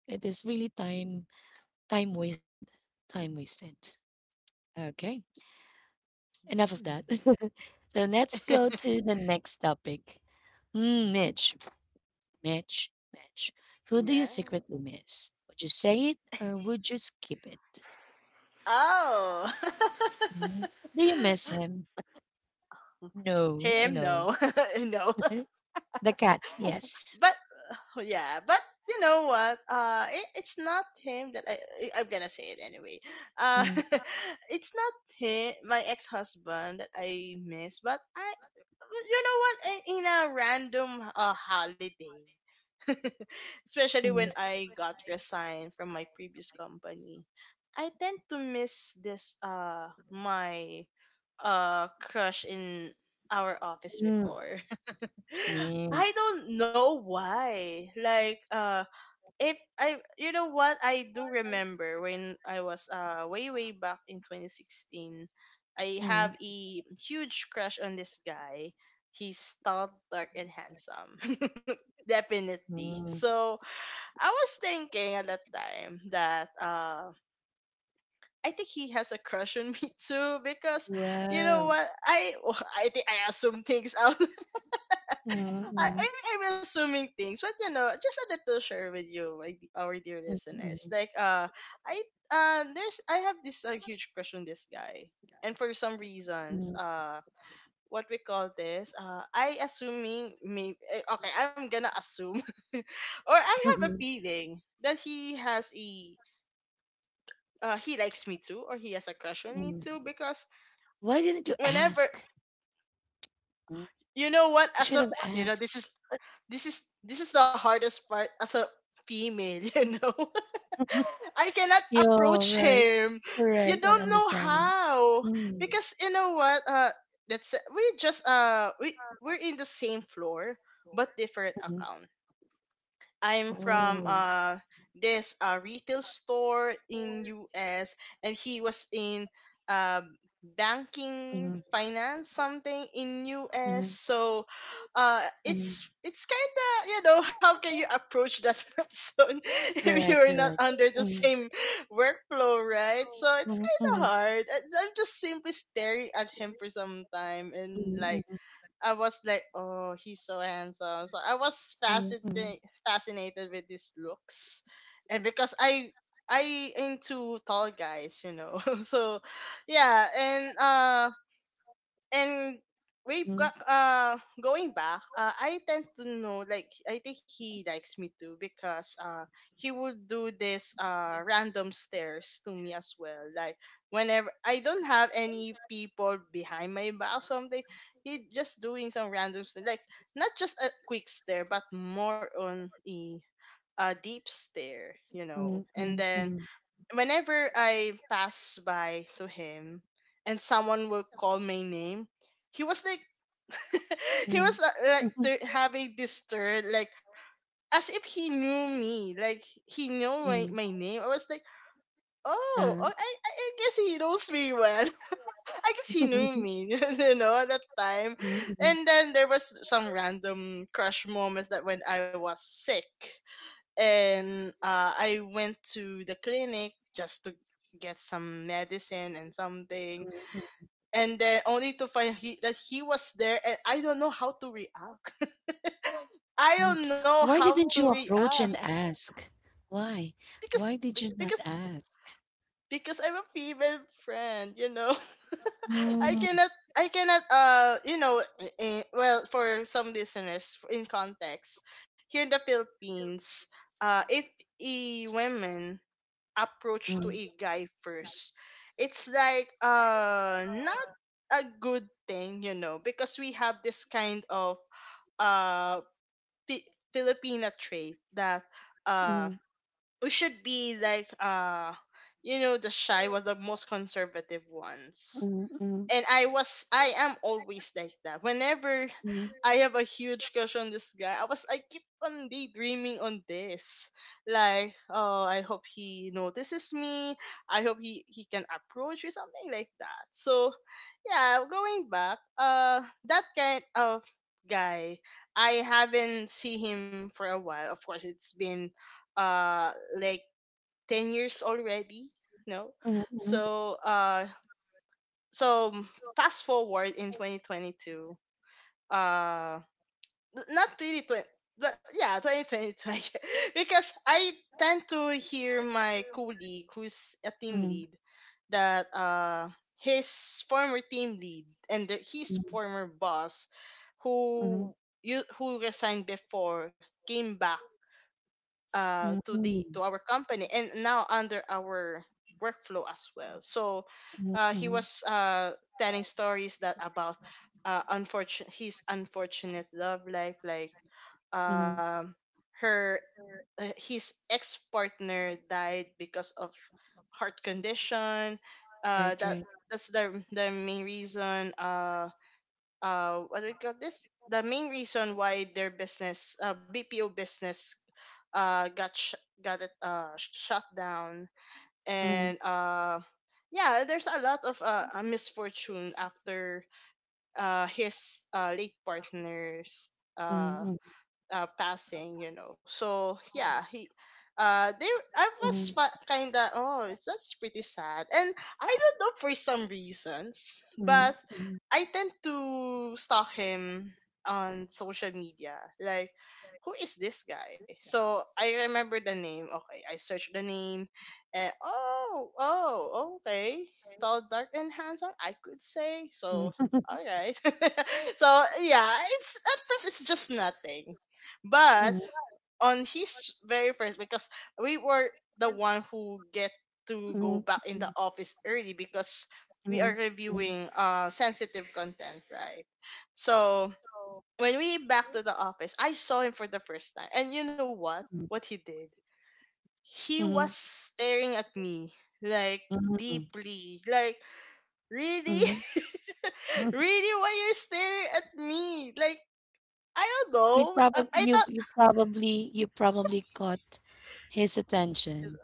It is really time Time wasted. Time wasted. Okay. Enough of that.
Mm.
[LAUGHS] So let's go
[LAUGHS]
to the next topic. Mm, Mitch. Who do you
Yeah.
secretly miss? Would you say it or would you skip it?
Oh. [LAUGHS]
Do you miss him? No, I
Him,
know.
no. [LAUGHS] No.
[LAUGHS] The cats,
[LAUGHS]
yes.
But oh, yeah, but you know what? Uh, it's not him that I'm going to say it anyway. Uh,
Mm,
[LAUGHS] it's not him, my ex-husband, that I miss, but I you know what? In a random holiday. [LAUGHS] Especially when
mm,
I got resigned from my previous company, I tend to miss this my crush in our office
mm,
before. [LAUGHS]
mm,
I don't know why. Like, if I you know what, I do remember when I was way way back in 2016, I have
mm,
a huge crush on this guy. He's tall, dark and handsome. [LAUGHS] Definitely.
mm.
So, I was thinking at that time that I think he has a crush on [LAUGHS] me too, because you know what, I [LAUGHS] I think I assume things out. [LAUGHS]
Mm,
I,
mm,
I'm, I'm assuming things, but you know, just a little share with you, our dear
mm,
listeners.
mm,
Like, I I have this huge crush on this guy, and for some reasons, what we call this, I assuming me. Okay, I'm gonna assume, [LAUGHS] or I have a
mm.
feeling that he has a he likes me too, or he has a crush on me too, because
Why didn't you
whenever
ask? Mm.
you know what
You
as
should
a
have
you know
asked.
this is this is the hardest part as a female [LAUGHS] you know [LAUGHS] I cannot
Yeah,
approach
right.
him. You
Correct. I
don't know
understand.
how.
Mm.
Because you know what that's we we're in the same floor but different
Mhm.
accounts. I'm from
Oh.
this retail store in US, and he was in uh banking finance something in US. So
Mm.
it's kind of, you know, how can you approach that [LAUGHS] person if you're
Correct.
not
Correct.
under the same workflow, right? So it's kind of
Mm.
hard. I'm just simply staring at him for some time, and like,
Mm.
I was like, oh, he's so handsome. So I was fascinated with his looks, and because I into tall guys, you know. [LAUGHS] So yeah, and
Mm.
going back, I tend to know, like, I think he likes me too because he would do this random stares to me as well, like whenever I don't have any people behind my back or something, he just doing some random stare, like not just a quick stare, but more on a deep stare, you know.
Mm, mm,
And
mm,
then
mm,
whenever I pass by to him and someone will call my name, he was like, [LAUGHS] he
mm,
was like having this stare, like as if he knew me, like he knew my,
mm,
my name. I was like, oh,
uh,
I guess he knows me well. [LAUGHS] I guess he
[LAUGHS]
knew
mm,
me, [LAUGHS] you know, at that time.
mm,
And then there was some random crush moments that when I was sick and I went to the clinic just to get some medicine and something, and then only to find that he was there, and I don't know how to react. [LAUGHS] I
mm.
don't know
[LAUGHS]
how to react
Ask. Why?
because
Why did you not ask?
because I'm a female friend, you know. [LAUGHS] I
Mm,
cannot, I cannot, you know, in, well, for some listeners in context, here in the Philippines, if a women approach to
mm,
a guy first, it's like not a good thing, you know, because we have this kind of uh filipina trait that uh
mm,
we should be like, you know, the shy was the most conservative ones.
mm, mm.
And I am always like that. Whenever
Mhm.
I have a huge crush on this guy, I keep on daydreaming on this. Like, oh, I hope he notices me. I hope he can approach or something like that. So yeah, going back, that kind of guy, I haven't seen him for a while. Of course, it's been uh like 10 years already, no?
Mhm,
So, so fast forward in 2022, not 2020, but yeah, 2020, [LAUGHS] because I tend to hear my colleague who's a team
mhm,
lead, that his former team lead and the, his
mhm,
former boss,
mhm,
who you who resigned before, came back
mhm,
to the, to
mhm,
our company, and now under our workflow as well. So
mhm,
he
mhm,
was telling stories that about unfortunate his unfortunate love life, like
mhm.
um her his ex-partner died because of heart condition
Right,
uh that
right.
that's the main reason, what do we call this, the main reason why their business, bpo business uh got sh- got it, shut down. And yeah, there's a lot of misfortune after his late partner's uh
Mhm,
passing, you know. So yeah, he they I was kind of, oh, it's that's pretty sad. And I don't know for some reasons,
mhm,
but I tend to stalk him on social media. Like, who is this guy? So I remember the name. Okay, I searched the name. And oh, oh, okay. Tall, dark, and handsome. I could say so.
mhm,
All right. [LAUGHS] So yeah, it's at first it's just nothing, but
mhm,
on his very first, because we were the one who get to go
mhm,
back in the
mhm,
office early because we are
mhm, mhm.
reviewing sensitive content, right? So when we back to the office, I saw him for the first time, and you know what?
Hmm.
What he did? He was
Hmm.
staring at me like
Mm,
deeply, like really,
mm,
[LAUGHS]
mm.
really, why you're staring at me? Like, I don't know. I thought
You probably caught his attention.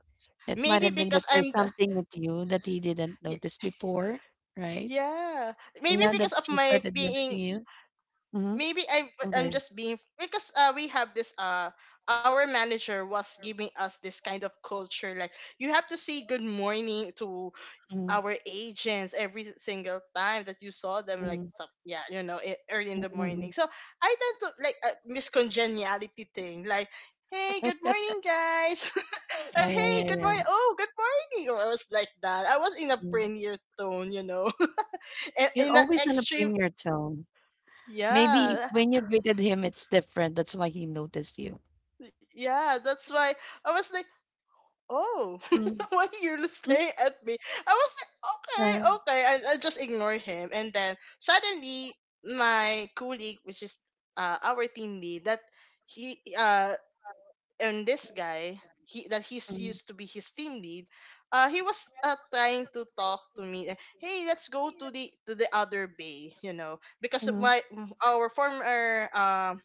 It might
maybe
have been that
because I'm
there's
the,
something with you that he didn't notice before, right?
yeah,
And
maybe
now that
because of
she
my
started
being,
noticing you, hmm.
maybe
Okay.
I'm
I'm
just being, because we have this our manager was giving us this kind of culture, like, you have to say good morning to
Mhm.
our agents every single time that you saw them, like some, yeah, you know, early in the morning.
Mhm.
So I tend to, like, a miscongeniality thing, like, hey, good morning, guys. [LAUGHS]
Yeah, yeah,
Hey,
yeah,
good
yeah.
morning, oh, good morning, or I was like that, I was in a
Mhm.
friendlier tone, you know, and
You're
in an
always on a
extreme,
premier tone. Maybe
yeah,
when you greeted him, it's different. That's why he noticed you.
yeah, that's why I was like, oh,
Mm.
[LAUGHS] why you're staring at me? I was like, okay,
Uh,
okay, I just ignore him. And then suddenly my colleague, which is our team lead, that he and this guy, he that he's used to be his team lead, he was trying to talk to me, hey, let's go to the other bay, you know, because of
Mhm.
my, our former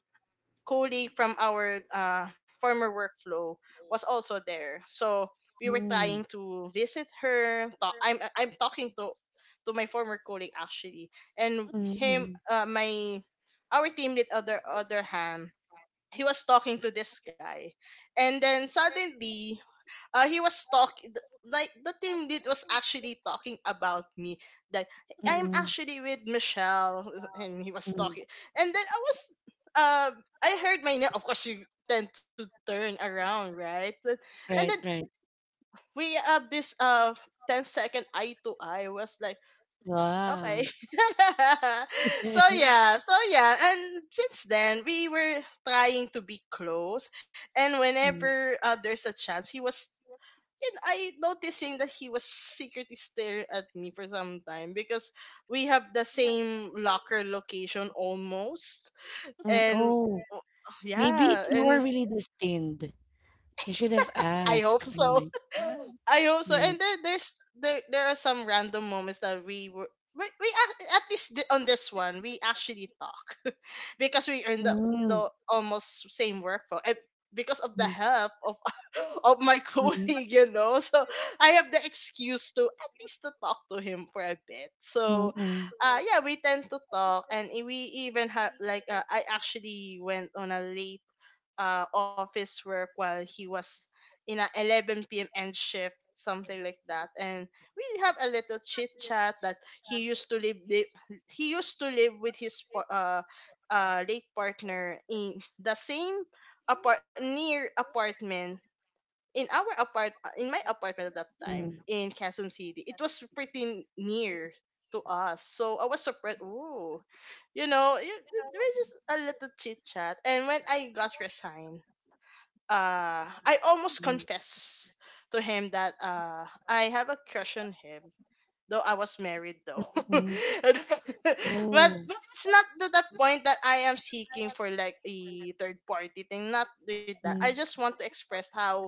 colleague from our former workflow was also there. So we were
Mm.
trying to visit her. Talk, I'm talking to my former colleague actually, and him
Mhm.
my our team lead other other hand, he was talking to this guy. And then suddenly he was talking, like, the team lead was actually talking about me, like, I'm actually with Michelle, and he was
Mhm.
talking. And then uh I heard my name. Of course, you tend to turn around, right? And then
Right.
we have this 10 second eye to eye, was like, okay. [LAUGHS] So
[LAUGHS]
yeah, so yeah, and since then we were trying to be close. And
Mm.
whenever there's a chance, he was, and I noticing that he was secretly staring at me for some time, because we have the same locker location almost. And
Mm.
w-
Maybe
yeah.
you are
And
really destined. You should have
I hope
asked. Oh
so.
my God,
[LAUGHS] I hope so. And there,
marriage.
there's, there are some random moments that we were. At least on this one we actually talk, because we are in the almost same workflow, and because of the
Mm,
help of [LAUGHS] of my colleague,
mm,
you know. So I have the excuse to at least to talk to him for a bit.
mm,
So
mm,
yeah, we tend to talk, and we even have, like, I actually went on a late office work while he was in a 11 p.m. end shift, something like that. And we have a little chit chat that he used to live li- he used to live with his late partner in the same apartment in our apart in my apartment at that time, in Quezon City. It was pretty near to us, so I was surprised. Ooh, you know, we just a little chit chat. And when I got resigned, I almost confessed to him that I have a crush on him. Though I was married though. [LAUGHS] But
Mm,
it's not to the point that I am seeking for like a third party thing. Not with that.
mm. Oh,
I
mm,
just want to express how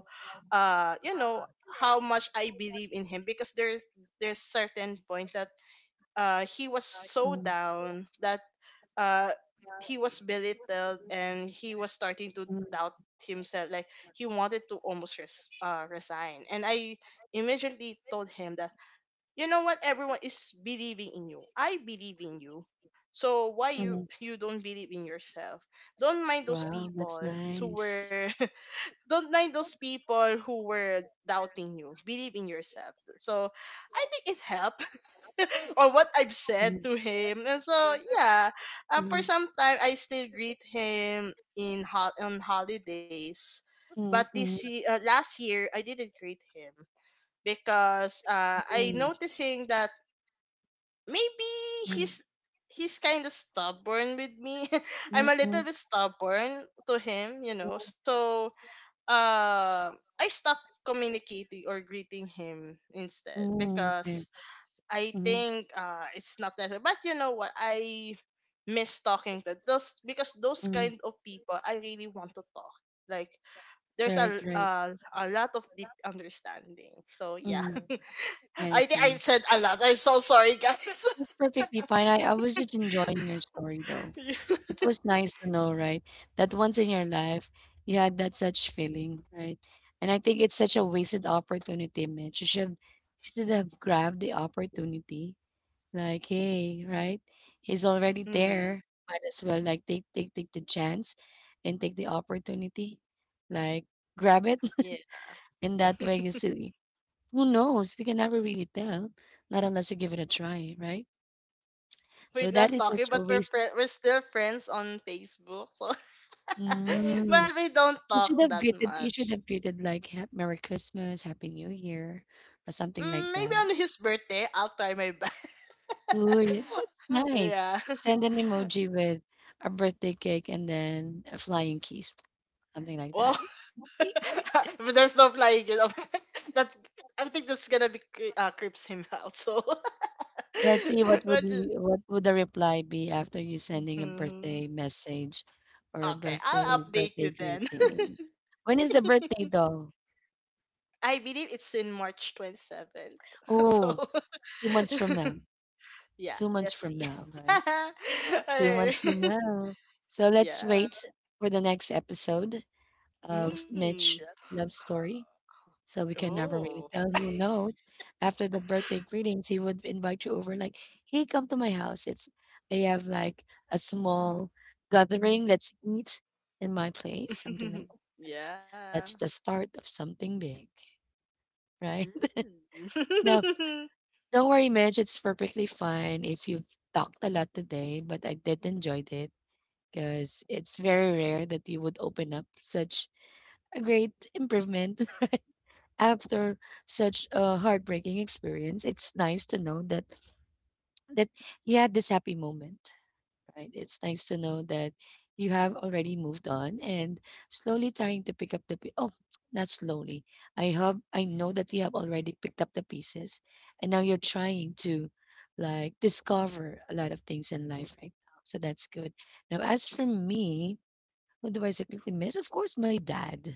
you know how much I believe in him, because there's certain point that he was so
mm.
down, that uh he was belittled and he was starting to doubt himself, like, he wanted to almost resign. And I immediately told him that, you know what, everyone is believing in you, I believe in you, so why
Mm, mm.
you don't believe in yourself? Don't mind those
Wow, that's
people who
nice.
were, [LAUGHS] don't mind those people who were doubting you, believe in yourself. So I think it helped [LAUGHS] on what I've said
Mm,
to him. And so yeah, for
mm,
some time I still greet him in hot on holidays. But
mm,
this
mm,
last year I didn't greet him, because I
mm,
noticing that maybe
mm,
he's he's kind of stubborn with me. [LAUGHS]
mm,
I'm
mm,
a
mm,
little
mm,
bit stubborn to him, you know.
[LAUGHS]
So, uh, I stopped communicating or greeting him instead,
Okay.
because I
Mm,
think it's not necessary. But you know what? I miss talking to those, because those
mm.
kind of people I really want to talk. Like, there's
Right, right.
a lot of deep understanding. So yeah,
Mm.
[LAUGHS]
I
I think
see.
I said a lot. I'm so sorry, guys.
That's perfectly fine. I was just enjoying your story, though.
[LAUGHS]
It was nice to know, right, that once in your life you had that such feeling, right? And I think it's such a wasted opportunity, man. You should have grabbed the opportunity. Like, hey, right? He's already
Hmm.
there. Might as well like take the chance and take the opportunity. Like grab it.
Yeah.
[LAUGHS] In that way
[LAUGHS]
you see, who knows? We can never really tell. Not unless you give it a try, right?
We're
So that
not
is such
talking,
a
but we're
waste.
friend. We're still friends on Facebook, so [LAUGHS]
Mm,
but we don't talk that
you should
much.
have greeted like ha "Merry Christmas, Happy New Year," or something
Mm,
like
maybe
that.
on his birthday, I'll try my best.
Uy, it's
[LAUGHS]
nice.
Yeah.
Send an emoji with a birthday cake and then a flying kiss, something like that.
Well, [LAUGHS]
[LAUGHS]
but there's no flying. You know? [LAUGHS] That I think that's gonna be creeps him out. So, [LAUGHS]
Let's see
but
what would the reply be after you sending a
mhm.
birthday message or a
Okay, I'll update
birthday
you then. [LAUGHS]
greetings. When is the birthday though?
I believe it's in March 27th. [LAUGHS] So
Oh, 2 months from
[LAUGHS]
now.
yeah,
2 months
let's
from
see.
now,
[LAUGHS]
right? Two
I-
months from now. So
[LAUGHS]
let's
yeah.
wait for the next episode of
Mm.
Mitch Love Story. So we can never
Oh.
really tell. Who knows? After the birthday greetings, he would invite you over. Like, hey, come to my house. It's, I have like a small gathering. Let's eat in my place. Something like
[LAUGHS]
that.
Yeah.
That's the start of something big, [LAUGHS] right?
Mm.
Now,
Mm.
don't worry, Mitch. It's perfectly fine if you've talked a lot today, but I did enjoy it, because it's very rare that you would open up such a great improvement, [LAUGHS] right, after such a heartbreaking experience. It's nice to know that that you had this happy moment, right? It's nice to know that you have already moved on and slowly trying to pick up oh, not slowly. I know that you have already picked up the pieces, and now you're trying to like discover a lot of things in life right now, so that's good. Now, as for me, who do I secretly miss? Of course, my dad.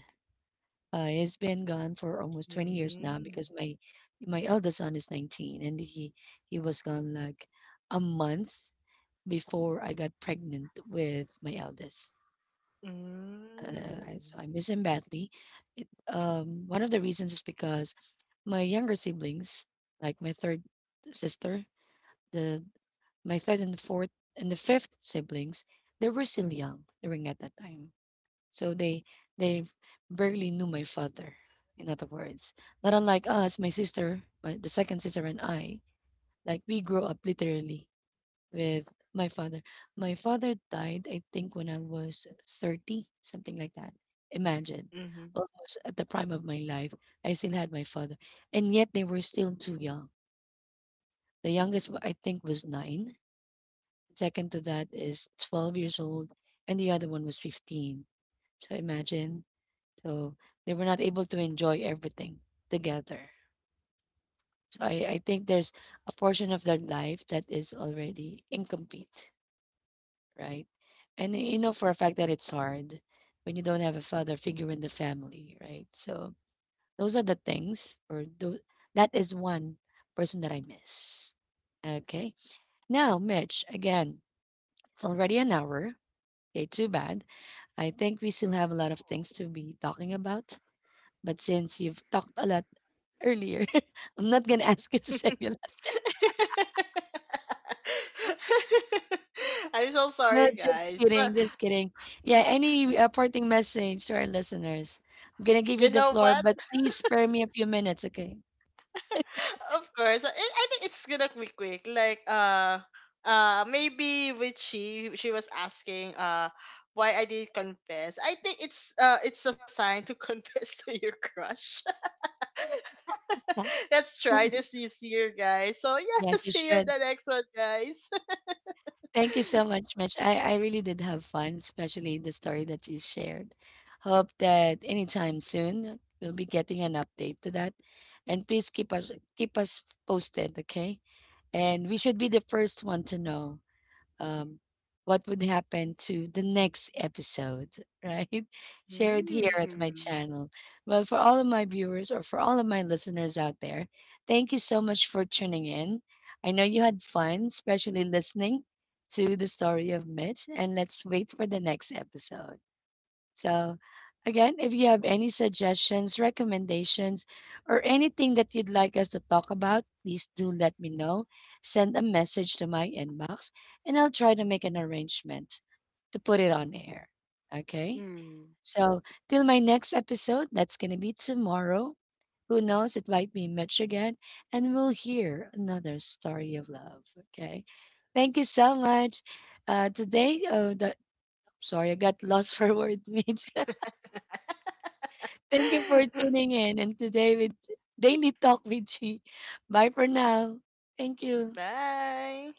He's been gone for almost 20 years now because
[LAUGHS]
my eldest son is 19, and he was gone like a month before I got pregnant with my eldest.
Mm.
So I miss him badly. One of the reasons is because my younger siblings, like my third sister, the my third and fourth and the fifth siblings, they were still young during at that time. So they barely knew my father. In other words, not unlike us, my sister, the second sister and I, like we grew up literally with my father. My father died, I think, when I was 30, something like that. Imagine,
Mm-hmm.
almost at the prime of my life, I still had my father, and yet they were still too young. The youngest, I think, was nine. Second to that is 12 years old, and the other one was 15. So imagine. So they were not able to enjoy everything together. So, I think there's a portion of their life that is already incomplete, right? And you know for a fact that it's hard when you don't have a father figure in the family, right? So those are the things, or that is one person that I miss. Okay. Now, Mitch, again, it's already an hour. Okay, too bad. I think we still have a lot of things to be talking about. But since you've talked a lot earlier, [LAUGHS] I'm not gonna ask you to say your last. [LAUGHS]
[LAUGHS] I'm so sorry,
No, just
guys. But
kidding, just kidding. Yeah, any, parting message to our listeners? I'm gonna
you
give you
know
the
what?
floor, but please spare me a few minutes, okay?
Of course. I think it's gonna be quick. Like maybe with she was asking why I didn't confess. I think it's a sign to [LAUGHS] confess to your crush. [LAUGHS]
Huh?
Let's try this
[LAUGHS]
this year, guys. So yeah, [LAUGHS]
Yes, you
see you in
should.
the next one, guys. [LAUGHS]
Thank you so much, Mitch. I really did have fun, especially the story that you shared. Hope that anytime soon we'll be getting an update to that. And please keep us posted, okay? And we should be the first one to know, um, what would happen to the next episode, [LAUGHS] right? Share it here at my
Mm.
channel. Well, for all of my viewers or for all of my listeners out there, thank you so much for tuning in. I know you had fun, especially listening to the story of Mitch, and let's wait for the next episode. So, again, if you have any suggestions, recommendations, or anything that you'd like us to talk about, please do let me know. Send a message to my inbox, and I'll try to make an arrangement to put it on air. Okay?
Mm.
So, till my next episode, that's going to be tomorrow. Who knows? It might be Mitch again, and we'll hear another story of love. Okay? Thank you so much. Today, sorry, I got lost [LAUGHS] for words, Mitch. Thank you for tuning in and today with Daily Talk with Chi. Bye for now. Thank
[LAUGHS]
you.
Bye.